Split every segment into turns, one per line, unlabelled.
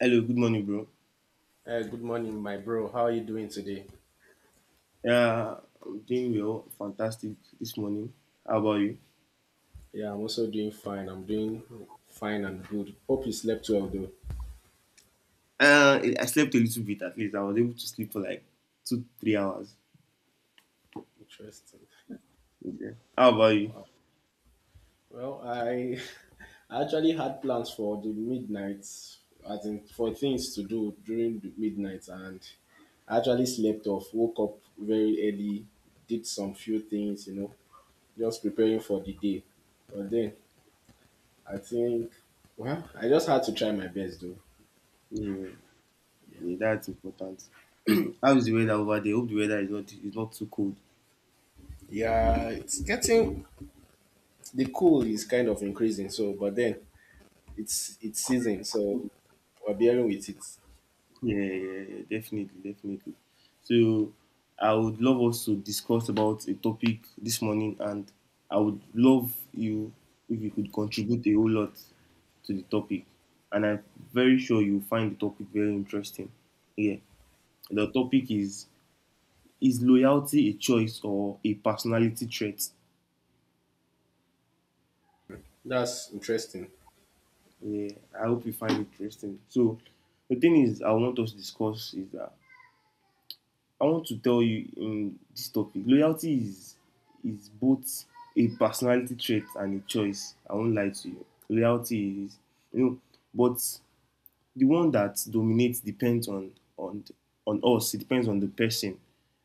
Hello, good morning, bro.
Hey, good morning, my bro. How are you doing today?
Yeah, I'm doing well, fantastic this morning. How about you?
Yeah, I'm also doing fine. I'm doing fine and good. Hope you slept well, though.
I slept a little bit at least. I was able to sleep for like 2, 3 hours.
Interesting.
Okay. How about you?
Wow. Well, I I actually had plans for the midnight, I think for things to do during the midnight, and I actually slept off. Woke up very early, did some few things, just preparing for the day. But then I think, well, I just had to try my best, though.
Yeah,
Yeah.
yeah, that's important. How is the weather over there? Hope the weather is not too cold.
Yeah, it's getting the cool is kind of increasing. So, but then it's season, so we're dealing with it.
Yeah, yeah, yeah, definitely, definitely. So I would love us to discuss about a topic this morning, and I would love you if you could contribute a whole lot to the topic. And I'm very sure you'll find the topic very interesting. Yeah, the topic is: Is loyalty a choice or a personality trait?
That's interesting.
Yeah, I hope you find it interesting. So the thing is, I want us to discuss is that I want to tell you in this topic, loyalty is both a personality trait and a choice. I won't lie to you. Loyalty is, you know, but the one that dominates depends on us. It depends on the person.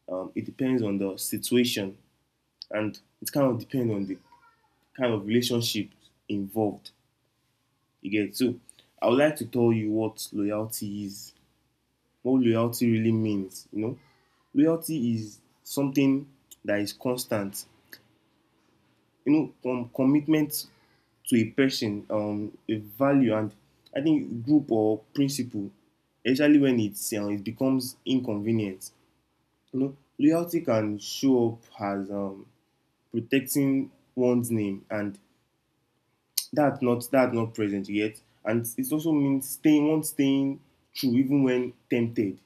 It depends on the situation, and it kind of depends on the kind of relationship involved. You get so. I would like to tell you what loyalty really means, you know. Loyalty is something that is constant, you know, from commitment to a person, a value, and I think group or principle, especially when it becomes inconvenient. You know, loyalty can show up as protecting one's name, and that's not present yet. And it also means one staying true even when tempted.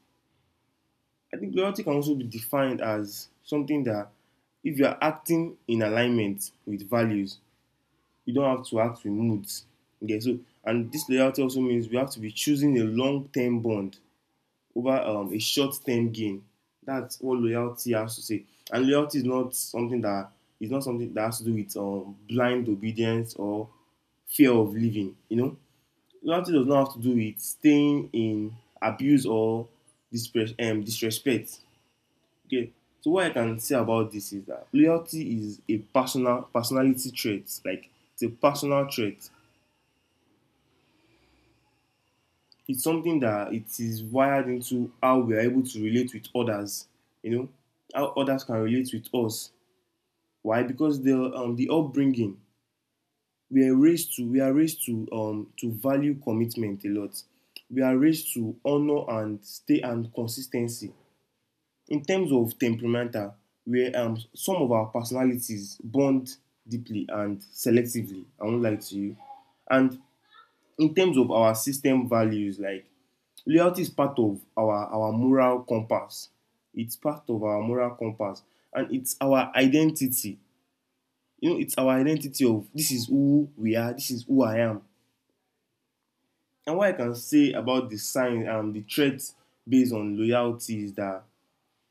I think loyalty can also be defined as something that if you are acting in alignment with values, you don't have to act with moods. Okay, so and this loyalty also means we have to be choosing a long-term bond over a short-term gain. That's what loyalty has to say. And loyalty is not something that has to do with blind obedience or fear of living. You know, loyalty does not have to do with staying in abuse or disrespect. Okay. So what I can say about this is that loyalty is a personality trait. Like it's a personal trait. It's something that it is wired into how we are able to relate with others. You know how others can relate with us. Why? Because the upbringing we are raised to we are raised to value commitment a lot. We are raised to honor and stay and consistency. In terms of temperamental, where some of our personalities bond deeply and selectively. I won't lie to you. And in terms of our system values, like loyalty is part of our moral compass. It's part of our moral compass, and it's our identity. You know, it's our identity of this is who we are. This is who I am. And what I can say about the sign and the traits based on loyalty is that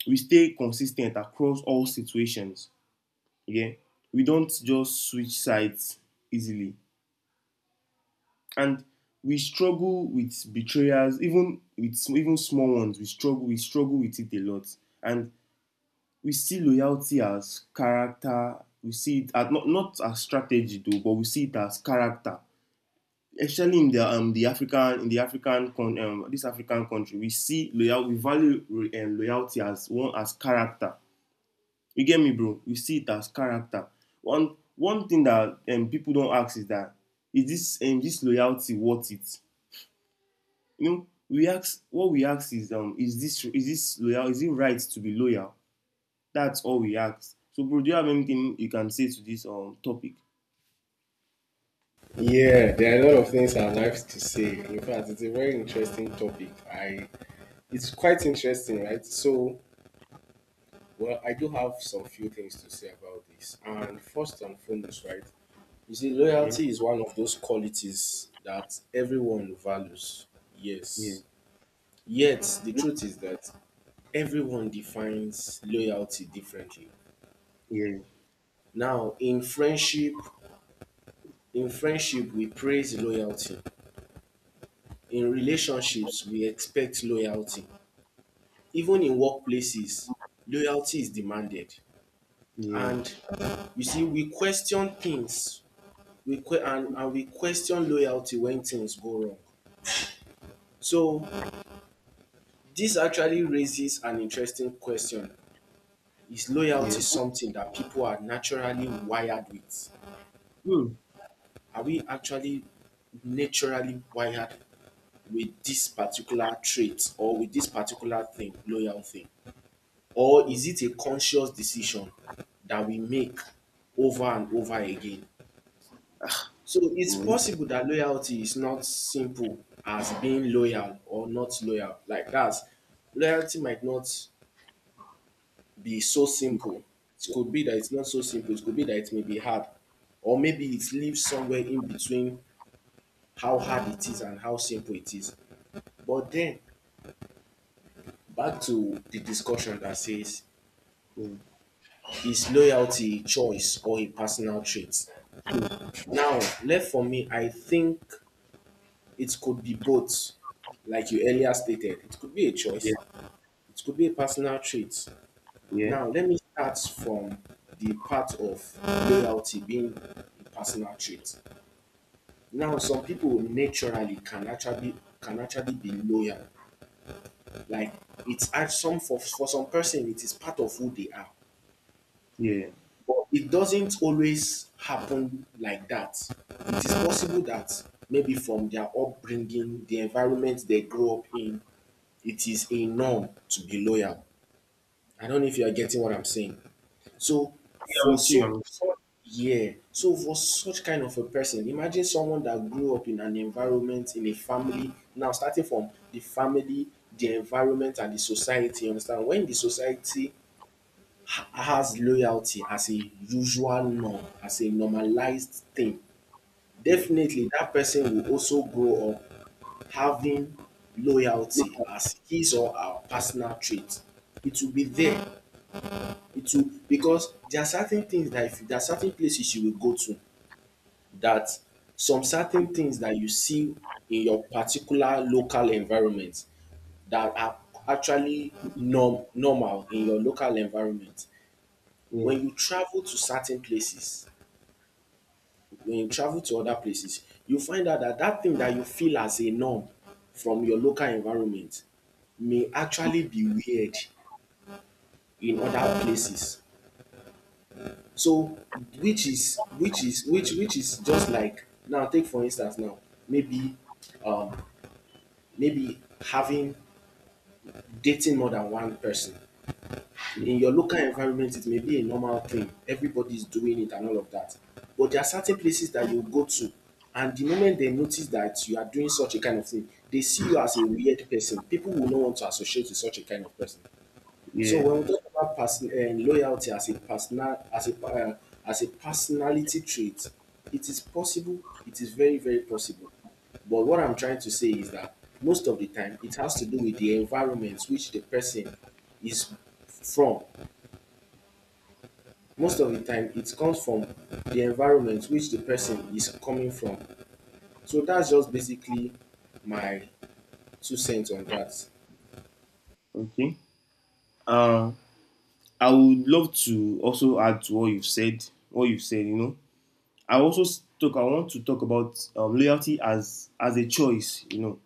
we stay consistent across all situations. Yeah, we don't just switch sides easily, and we struggle with betrayals, even with even small ones, we struggle with it a lot. And we see loyalty as character, we see it as not as strategy though, but we see it as character, especially in the african in the african con this African country. We see loyal we value loyalty as character. You get me, bro? You see it as character. One thing that people don't ask is that is this loyalty worth it? You know, we ask what we ask is this loyal is it right to be loyal? That's all we ask. So, bro, do you have anything you can say to this topic?
Yeah, there are a lot of things I'd like to say. In fact, it's a very interesting topic. I it's quite interesting, right? So, well, I do have some few things to say about this. And first and foremost, right? You see,
Yeah,
loyalty is one of those qualities that everyone values.
yeah,
Yes. Yet, the truth is that everyone defines loyalty differently.
yeah,
Now in friendship we praise loyalty, in relationships we expect loyalty, even in workplaces, loyalty is demanded.
yeah,
And you see we question things, we que- and we question loyalty when things go wrong. So this actually raises an interesting question. Is
yeah.
loyalty something that people are naturally wired with?
Mm,
Are we actually naturally wired with this particular trait or with this particular thing, loyal thing? Or
mm,
is it a conscious decision that we make over and over again? So it's
yeah,
possible that loyalty is not simple as being loyal or not loyal. Like that, loyalty might not be so simple. It could be that it's not so simple. It could be that it may be hard. Or maybe it lives somewhere in between how hard it is and how simple it is. But then, back to the discussion that says
yeah,
is loyalty a choice or a personal trait?
mm,
Now,
mm,
left for me, I think it could be both. Like you earlier stated, it could be a
yeah,
choice, it could be a personal trait.
yeah,
Now, let me start from the part of loyalty being a personal trait. Now, some people naturally can actually be loyal. Like it's act- some for some person, it is part of who they are.
yeah. Yeah,
But it doesn't always happen like that. It is possible that maybe from their upbringing, the environment they grow up in, it is a norm to be loyal. I don't know if you are getting what I'm saying. So
I'm
for
with you. I'm
so
with
so yeah, so for such kind of a person, imagine someone that grew up in an environment, in a family, now starting from the family, the environment and the society, you understand? When the society ha- has loyalty as a usual norm, as a normalized thing,
you.
definitely that person will also grow up having loyalty as his or her personal trait. It will be there. It will because there are certain things that if there are certain places you will go to that some certain things that you see in your particular local environment that are actually norm normal in your local environment.
Yeah, yeah,
When you travel to certain places when you travel to other places, you find out that that thing that you feel as a norm from your local environment may actually be weird in other places. So which is just like now take for instance now maybe um maybe having dating more than one person
yeah,
in your local environment. It may be a normal thing, everybody's doing it and all of that, but there are certain places that you go to, and the moment they notice that you are doing such a kind of thing, they see you as a weird person. People will not want to associate with such a kind of person. So
yeah.
when we talk about person loyalty as a personal as a personality trait, it is possible, it is very very possible. But what I'm trying to say is that most of the time it has to do with the environment which the person is from. Most of the time it comes from the environment which the person is coming from. So that's just basically my two cents on that.
Okay. Um. I would love to also add to what you've said. What you've said, I also talk. I want to talk about loyalty as a choice. You know,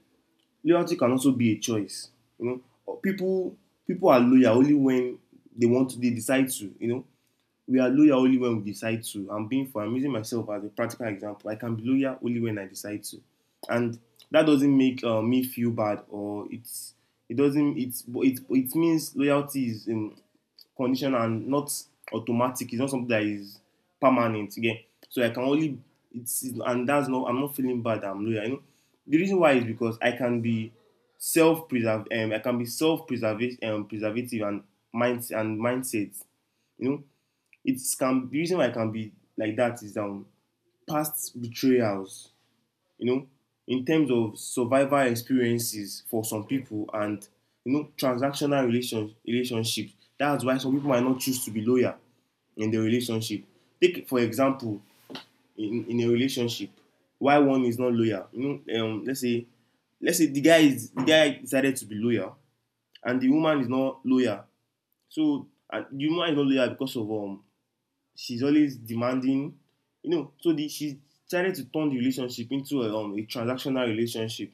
loyalty can also be a choice. You know, people are loyal only when they want to. They decide to. You know, we are loyal only when we decide to. I'm being for I'm using myself as a practical example. I can be loyal only when I decide to, and that doesn't make me feel bad, or it's it doesn't it's it it means loyalty is conditional and not automatic. It's not something that is permanent again. So I can only it's and that's not I'm not feeling bad. I'm loyal. You know, the reason why is because I can be self preserve I can be self preservation preservative and mindset. You know it can the reason why it can be like that is past betrayals, you know, in terms of survival experiences for some people and transactional relationships. That's why some people might not choose to be loyal in the relationship. Take for example, in a relationship, why one is not loyal. You know, let's say the guy decided to be loyal, and the woman is not loyal. So and the woman is not loyal because of she's always demanding. You know, so the she decided to turn the relationship into a transactional relationship,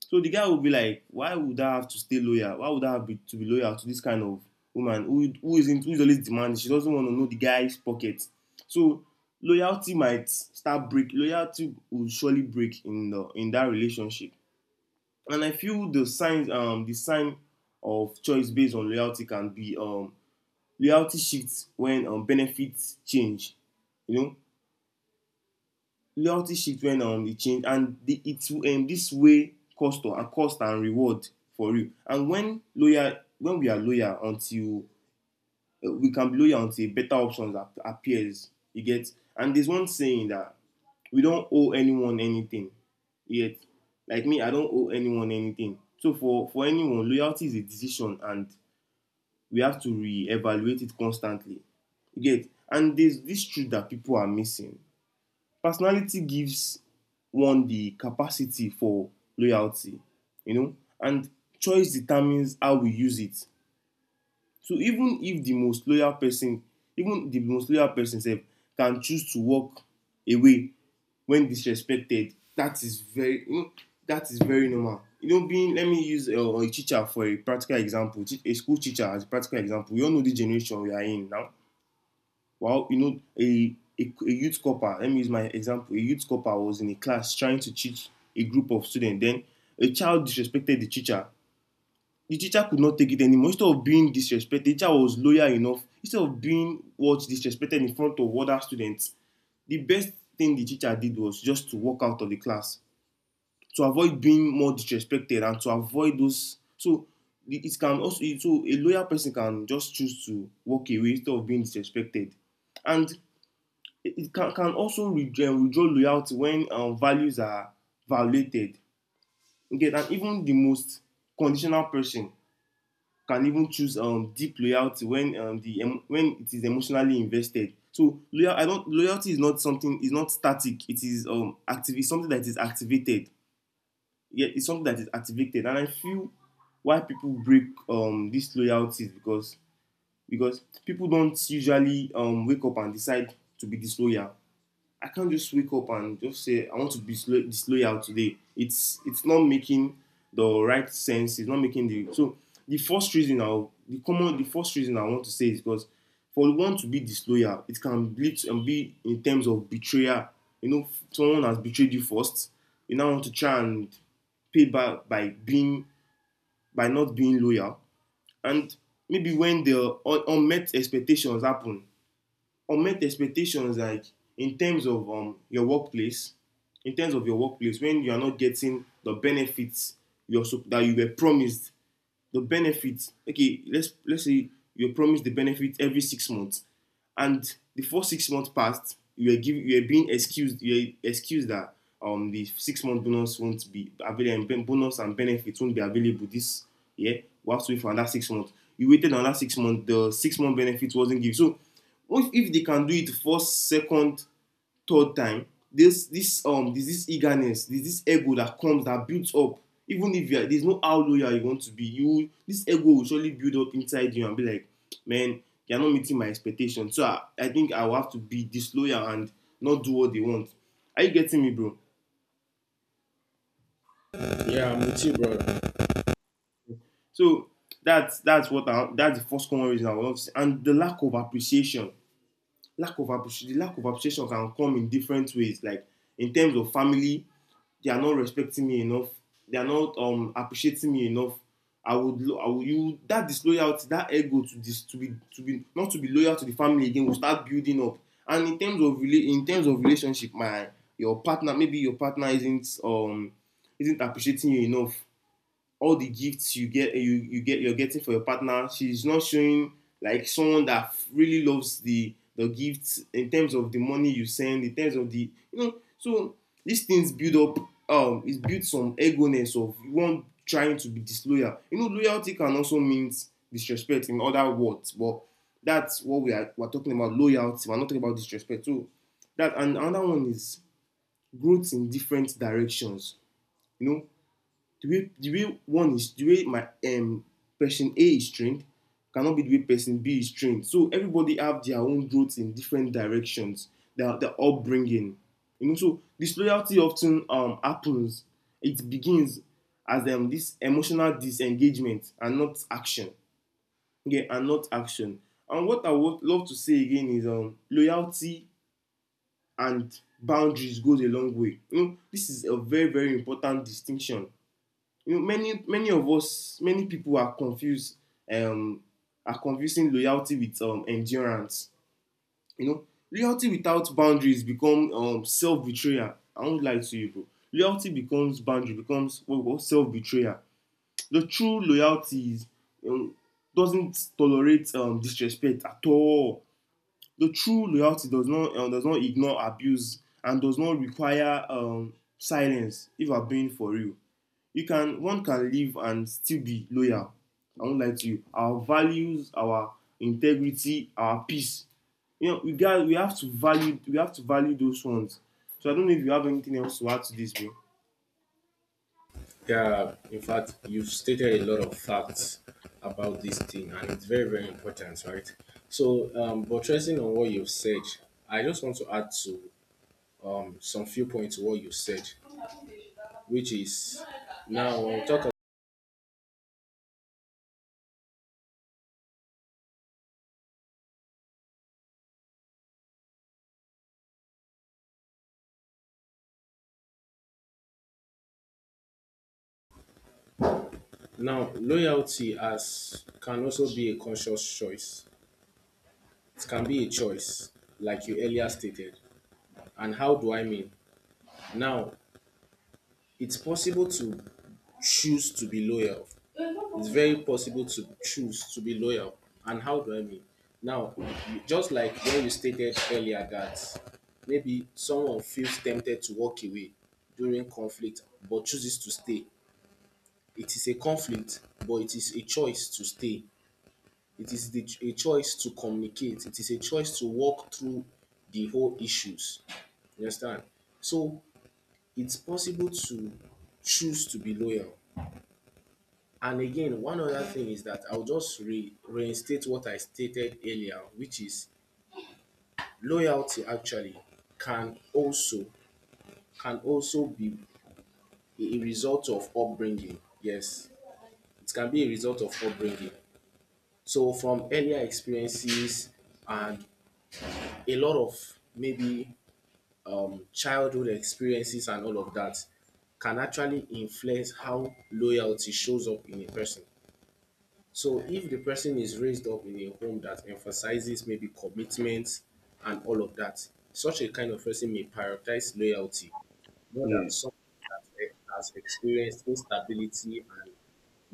so the guy would be like, why would I have to stay loyal, why would I to be loyal to this kind of woman, who isn't, who is always demanding, she doesn't want to know the guy's pocket. So loyalty will surely break in the in that relationship. And I feel the signs, the sign of choice based on loyalty can be loyalty shifts when benefits change. You know, loyalty shifts when it change, and it will, this way cost or, and cost and reward for you. And when we can be loyal until better options appears. You get, and there's one saying that we don't owe anyone anything yet. Like me, I don't owe anyone anything. So for anyone, loyalty is a decision, and we have to re-evaluate it constantly. You get? And there's this truth that people are missing. Personality gives one the capacity for loyalty, you know, and choice determines how we use it. So even if the most loyal person even the most loyal person sef can choose to walk away when disrespected. That is very, you know, that is very normal. You know, being let me use a teacher for a practical example. A school teacher as a practical example. We all know the generation we are in now. Well, you know, a youth copper, let me use my example, a youth copper was in a class trying to teach a group of students. Then a child disrespected the teacher. The teacher could not take it anymore. Instead of being disrespected, the teacher was loyal enough. Instead of being what disrespected in front of other students, the best thing the teacher did was just to walk out of the class to avoid being more disrespected and to avoid those. So it can also so a loyal person can just choose to walk away instead of being disrespected. And it can also withdraw loyalty when values are violated. Okay, and even the most conditional person can even choose deep loyalty when when it is emotionally invested. So loyal, I don't loyalty is not something is not static. It is active. It's something that is activated. Yeah, it's something that is activated, and I feel why people break these loyalties because people don't usually wake up and decide to be disloyal. I can't just wake up and just say I want to be disloyal today. It's not making the right sense. It's not making the So, the first reason I want to say is because for one to be disloyal, it can lead to, be in terms of betrayal. You know, someone has betrayed you first. You now want to try and pay back by being by not being loyal. And maybe when the unmet expectations happen, unmet expectations like in terms of um, your workplace in terms of your workplace, when you are not getting the benefits you're that you were promised the benefits. Okay, let's say you're promised the benefit every 6 months, and the first 6 months passed, you are being excused. You are excused that the 6-month bonus won't be available, and bonus and benefits won't be available this year. We have to wait for another 6 months. You waited another 6 months. The 6-month benefit wasn't given. So if they can do it first, second, third time. This There's this eagerness, there's this ego that comes, that builds up. Even if you are, there's no how loyal you want to be, you, this ego will surely build up inside you and be like, man, you are not meeting my expectation. So I think I will have to be disloyal and not do what they want. Are you getting me, bro?
Yeah, I'm with you, brother.
So that's what I that's the first common reason I would love to say. And the lack of appreciation, can come in different ways, like in terms of family, they are not respecting me enough, they are not appreciating me enough. I would you that disloyalty, that ego, to this, to be not to be loyal to the family again will start building up. And in terms of relationship, my your partner, maybe your partner isn't appreciating you enough. All the gifts you get, you're getting for your partner, she's not showing like someone that really loves the gifts, in terms of the money you send, in terms of the, so these things build up, it builds some eggoness of one trying to be disloyal. Loyalty can also mean disrespect, in other words. But that's what we're talking about loyalty, we're not talking about disrespect. So that. And another one is growth in different directions. you know the way, the way one is the way my um, person A is trained cannot be the way person B is trained. So everybody have their own growth in different directions, their upbringing. You know, so disloyalty often happens. It begins as this emotional disengagement, and not action. Okay, and not action. And what I would love to say again is loyalty and boundaries goes a long way. You know, this is a very, very important distinction. Many many of us many people are confused, um are confusing loyalty with endurance. Loyalty without boundaries become self betrayal. I won't lie to you, bro. Loyalty becomes boundary becomes what we call self betrayal. The true loyalty is um, doesn't tolerate disrespect at all. The true loyalty does not ignore abuse, and does not require silence, if I'm being for real. You can one can live and still be loyal. I won't lie to you. Our values, our integrity, our peace. You know, we have to value those ones. So I don't know if you have anything else to add to this, bro.
Yeah, in fact, you've stated a lot of facts about this thing, and it's very, very important, right? So, buttressing on what you've said, I just want to add to some few points to what you said, which is now when we talk now loyalty as can also be a conscious choice. It can be a choice, like you earlier stated. And how do I mean? Now, it's possible to choose to be loyal. It's very possible to choose to be loyal. And how do I mean? Now, you- just like when you stated earlier that maybe someone feels tempted to walk away during conflict but chooses to stay. It is a conflict, but it is a choice to stay. It is the, a choice to communicate. It is a choice to walk through the whole issues. You understand? So it's possible to choose to be loyal. And again, one other thing is that I'll just re- reinstate what I stated earlier, which is loyalty actually can also can also be a result of upbringing. Yes, it can be a result of upbringing. So from earlier experiences and a lot of maybe childhood experiences and all of that can actually influence how loyalty shows up in a person. So if the person is raised up in a home that emphasizes maybe commitment and all of that, such a kind of person may prioritize loyalty more than
Yeah,
someone that has experienced instability and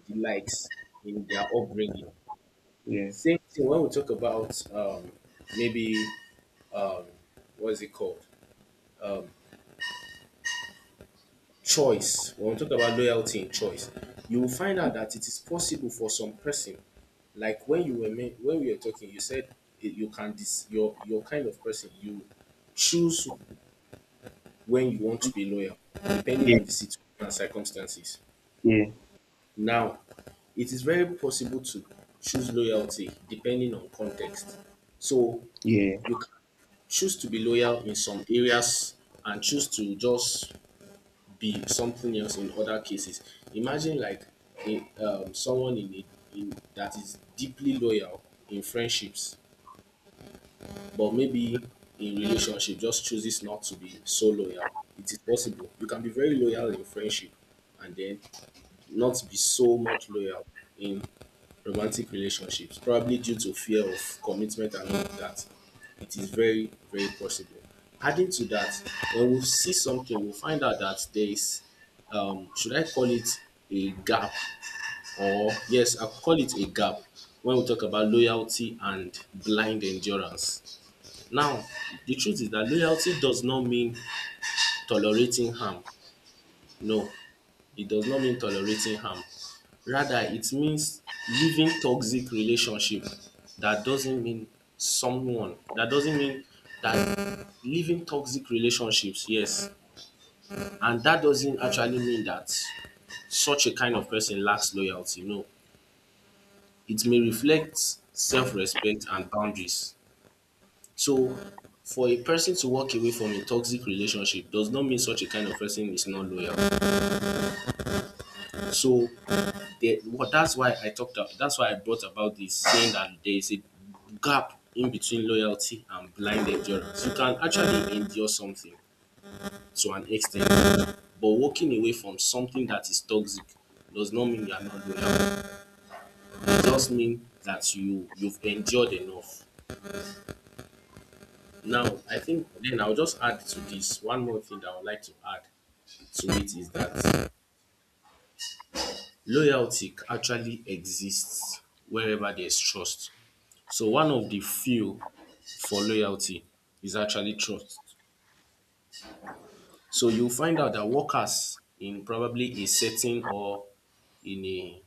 the likes in their upbringing.
yeah,
Same thing when we talk about maybe what is it called? Choice when we talk about loyalty in choice, you will find out that it is possible for some person like when you were men- when we were talking you said you can dis- your kind of person you choose when you want to be loyal depending
yeah,
on the situation and circumstances.
yeah,
Now it is very possible to choose loyalty depending on context. So
yeah.
you can choose to be loyal in some areas and choose to just be something else in other cases. Imagine like a, someone in, a, in that is deeply loyal in friendships, but maybe in relationship just chooses not to be so loyal. It is possible. You can be very loyal in friendship and then not be so much loyal in romantic relationships, probably due to fear of commitment and all of that. It is very, very possible. Adding to that, when we see something, we'll find out that there is, should I call it a gap? Or, yes, I'll call it a gap when we talk about loyalty and blind endurance. Now, the truth is that loyalty does not mean tolerating harm. No, it does not mean tolerating harm. Rather, it means leaving toxic relationship that doesn't mean someone, that doesn't mean that leaving toxic relationships, yes. And that doesn't actually mean that such a kind of person lacks loyalty. No, it may reflect self respect and boundaries. So, for a person to walk away from a toxic relationship does not mean such a kind of person is not loyal. So, they, what that's why I talked. That's why I brought about this saying that there is a gap in between loyalty and blind endurance. You can actually endure something to an extent, but walking away from something that is toxic does not mean you are not loyal. It just means that you've endured enough. Now, I think then I'll just add to this one more thing that I would like to add to it is that loyalty actually exists wherever there's trust. So one of the few for loyalty is actually trust. So you'll find out that workers in probably a setting or in a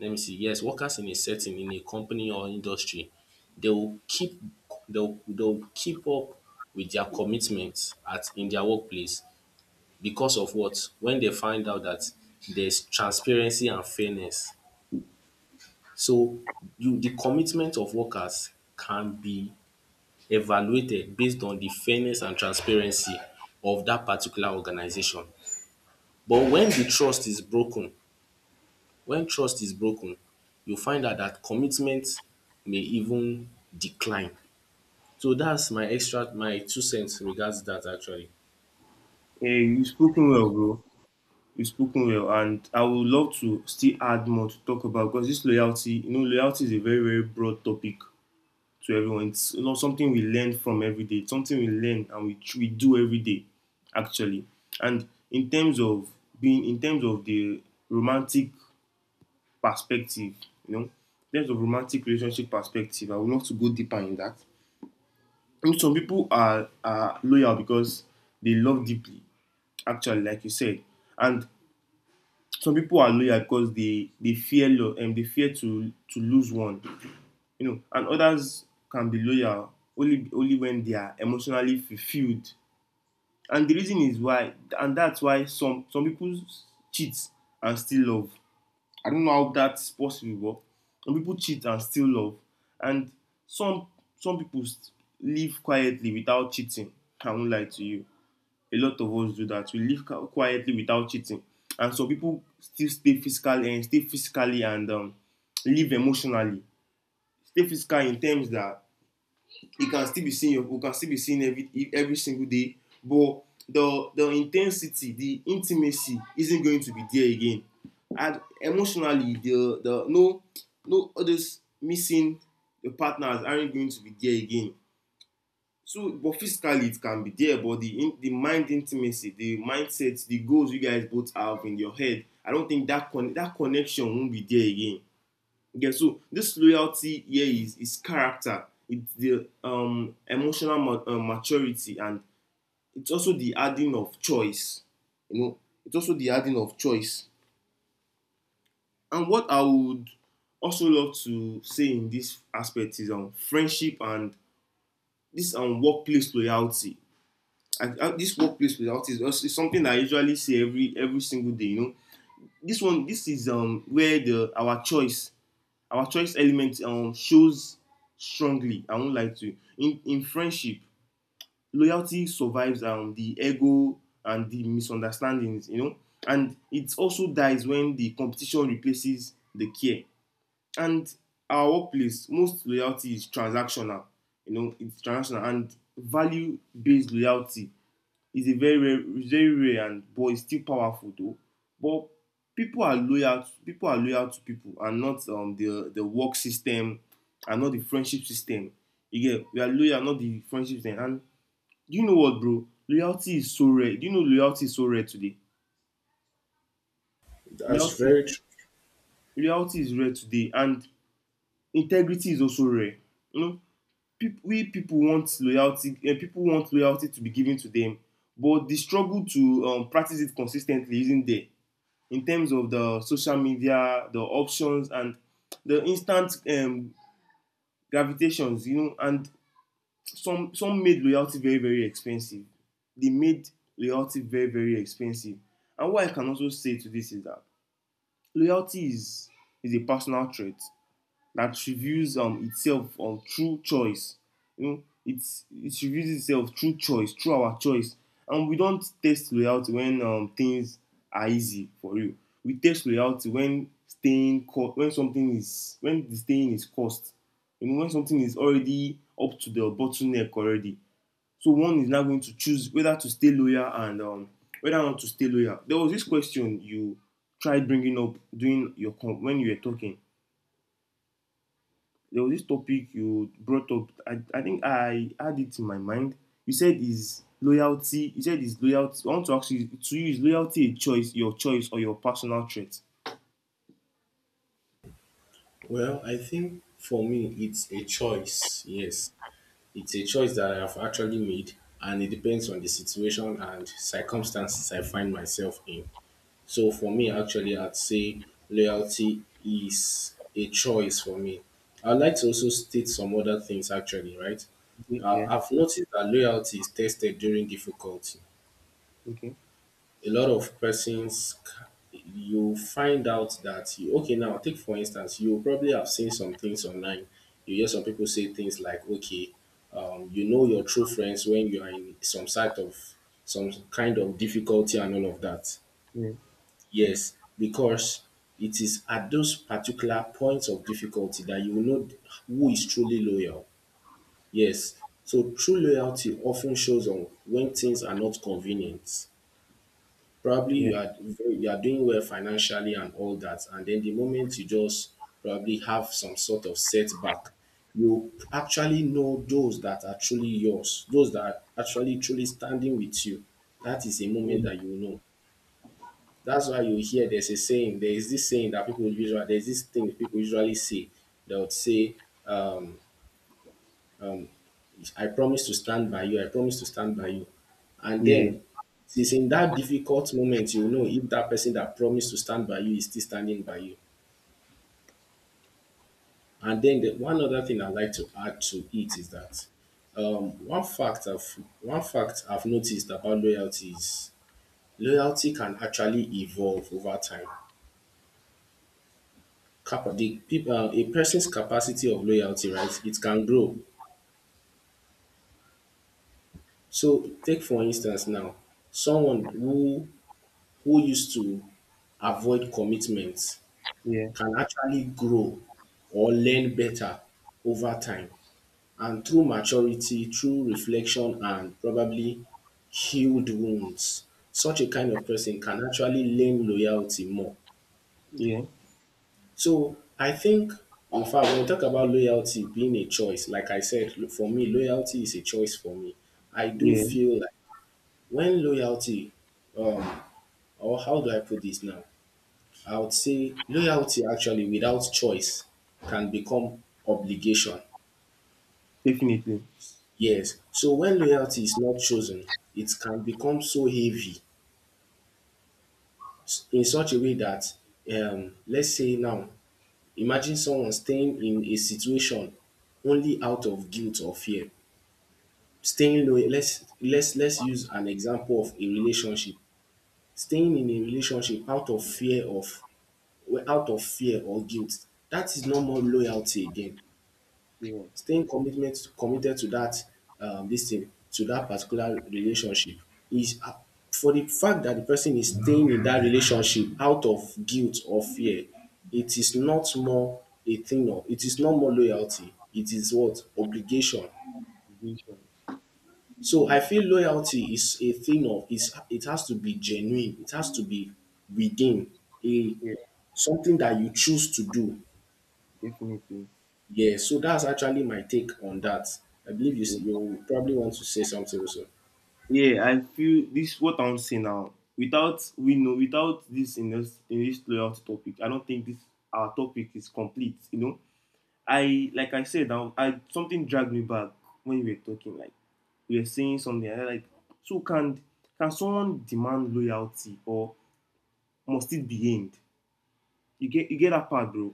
let me see, yes, workers in a setting in a company or industry, they will keep they'll keep up with their commitments at in their workplace because of what? When they find out that there's transparency and fairness. So you the commitment of workers can be evaluated based on the fairness and transparency of that particular organization. But when trust is broken, you find out that commitment may even decline. So that's my extra my two cents regards that actually.
Yeah, you spoken well, bro. You spoken well, and I would love to still add more to talk about, because this loyalty, loyalty is a very, very broad topic to everyone. It's something we learn from every day. It's something we learn, and we do every day, actually. And in terms of the romantic perspective, you know, in terms of romantic relationship perspective, I would love to go deeper in that. I some people are loyal because they love deeply, actually, like you said. And some people are loyal because they fear lo- and they fear to lose one, and others can be loyal only when they are emotionally fulfilled. And the reason is why, and that's why some people cheat and still love. I don't know how that's possible, but some people cheat and still love, and some some people live quietly without cheating. I won't lie to you. A lot of us do that. We live quietly without cheating, and some people still stay physically, and live emotionally. Stay physical in terms that it can still be seen we can still be seen every single day. But the intimacy isn't going to be there again. And emotionally, the no no others missing the partners aren't going to be there again. So but physically it can be there, but the mind intimacy, the mindset, the goals you guys both have in your head, I don't think that con that connection won't be there again. Yeah, so this loyalty here is character, it's the emotional maturity, and it's also the adding of choice. You know, it's also the adding of choice. And what I would also love to say in this aspect is friendship and this workplace loyalty. And this workplace loyalty is, also, is something that I usually see every single day. You know, this is where the our choice element shows strongly. I won't lie to you. In friendship, loyalty survives the ego and the misunderstandings, and it also dies when the competition replaces the care. And our workplace, most loyalty is transactional, it's transactional, and value based loyalty, he's a very rare, and but it's still powerful though. But people are loyal. People are loyal to people, and not the work system, and not the friendship system. You get, we are loyal, not the friendship system. And do you know what, bro? Loyalty is so rare. Do you know loyalty is so rare today?
That's
Loyalty,
very true.
loyalty is rare today, and integrity is also rare. You know, people want loyalty. People want loyalty to be given to them, but the struggle to practice it consistently isn't there. In terms of the social media, the options, and the instant gravitations, and some made loyalty very, very expensive. They made loyalty very, very expensive. And what I can also say to this is that loyalty is a personal trait that reveals itself on through choice. You know, it reveals itself through choice, through our choice. And we don't test loyalty when things are easy for you. We test loyalty when staying co- when something is when the staying is cost. You know, when something is already up to the bottleneck already. So one is now going to choose whether to stay loyal, and whether or not to stay loyal. There was this question you tried bringing up during your when you were talking. There was this topic you brought up. I think I had it in my mind. You said is loyalty. You said is loyalty. I want to ask you, to you is loyalty a choice, your choice, or your personal trait?
Well, I think for me, it's a choice. Yes, it's a choice that I have actually made, and it depends on the situation and circumstances I find myself in. So for me, actually, I'd say loyalty is a choice for me. I'd like to also state some other things, actually, right?
Yeah, yeah.
I've noticed that loyalty is tested during difficulty.
Okay.
A lot of persons, c- you find out that, you, okay, now take for instance, you probably have seen some things online. You hear some people say things like, okay, you know your true friends when you are in some sort of, some kind of difficulty and all of that.
Yeah.
Yes, because it is at those particular points of difficulty that you will know who is truly loyal. Yes, so true loyalty often shows on when things are not convenient. Probably
Yeah.
you are very- you are doing well financially and all that, and then the moment you just probably have some sort of setback, you actually know those that are truly yours, those that are actually truly standing with you. That is a moment
Yeah.
that you will know. That's why you hear there's a saying, there is this saying that people usually, there's this thing people usually say. They would say, I promise to stand by you, I promise to stand by you. And
Yeah.
then it's in that difficult moment you know if that person that promised to stand by you is still standing by you. And then the, one other thing I'd like to add to it is that one fact I've noticed about loyalty is loyalty can actually evolve over time. Capa the peop a person's capacity of loyalty, right, it can grow. So take for instance now, someone who used to avoid commitment
Yeah.
can actually grow or learn better over time. And through maturity, through reflection and probably healed wounds, such a kind of person can actually learn loyalty more.
Yeah.
So I think in fact when we talk about loyalty being a choice, like I said, lo- for me, loyalty is a choice for me. I do
Yeah.
feel like when loyalty, um, or how do I put this now? I would say loyalty actually without choice can become obligation.
Definitely.
Yes. So when loyalty is not chosen, it can become so heavy s- in such a way that, let's say now, imagine someone staying in a situation only out of guilt or fear. Staying loyal, let's use an example of a relationship. Staying in a relationship out of fear of well, out of fear or guilt, dat is no more loyalty again.
Yeah.
Staying commitment committed to dat dis thing, to dat particular relationship is for de fact dat de person is staying in dat relationship out of guilt or fear, it is not more a thing of, it is no more loyalty, it is what? Obligation.
Vision.
So I feel loyalty is a thing of is it has to be genuine. It has to be within a
Yeah.
something that you choose to do.
Definitely.
Yeah, so that's actually my take on that. I believe you
Yeah,
s- you probably want to say something also.
yeah. I feel this, what I'm saying now. Without, we know, without this in this loyalty topic, I don't think this, our topic is complete. You know, I like I said, now, I something dragged me back when we were talking, like we were saying something like, so can someone demand loyalty, or must it be end? You get, you get that part, bro?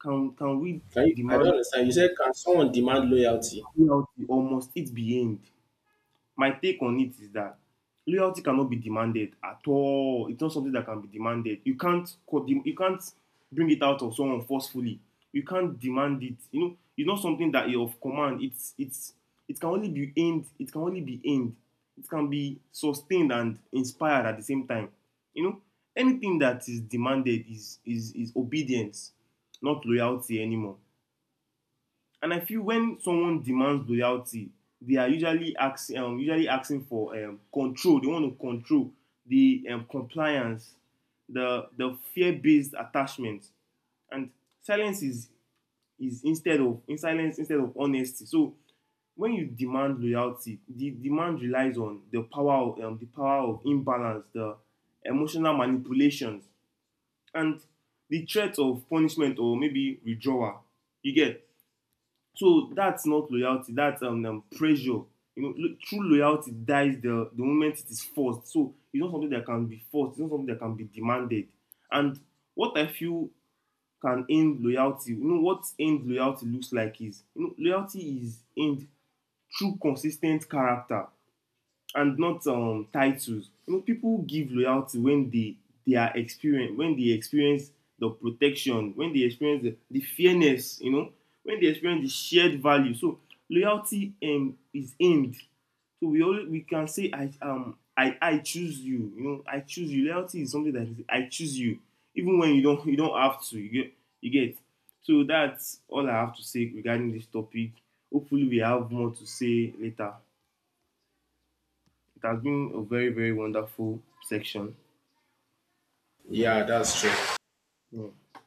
Can we
Can you, I
demand
don't understand. You said can someone demand loyalty?
loyalty, or must it be end? My take on it is that loyalty cannot be demanded at all. It's not something that can be demanded. You can't bring it out of someone forcefully. You can't demand it. You know, it's not something that you of command. It's it can only be aimed. It can only be aimed. It can be sustained and inspired at the same time. You know, anything that is demanded is obedience, not loyalty anymore. And I feel when someone demands loyalty, they are usually asking, for control, they want to control the compliance, the fear based attachment, and silence is, instead of honesty. So when you demand loyalty, the demand relies on the power of imbalance, the emotional manipulations, and the threat of punishment or maybe withdrawal, you get. So that's not loyalty. That's pressure. You know, true loyalty dies the moment it is forced. So it's not something that can be forced. It's not something that can be demanded. And what I feel can end loyalty, what end loyalty looks like is, loyalty is end through consistent character, and not titles. You know, people give loyalty when they experience the protection, when they experience the fairness, when they experience the shared value. So loyalty is aimed. So we can say I, choose you. You know, I choose you. Loyalty is something that is, I choose you, even when you don't have to. You get. So that's all I have to say regarding this topic. Hopefully, we have more to say later. It has been a very, very wonderful section.
Yeah, that's true.
Yeah.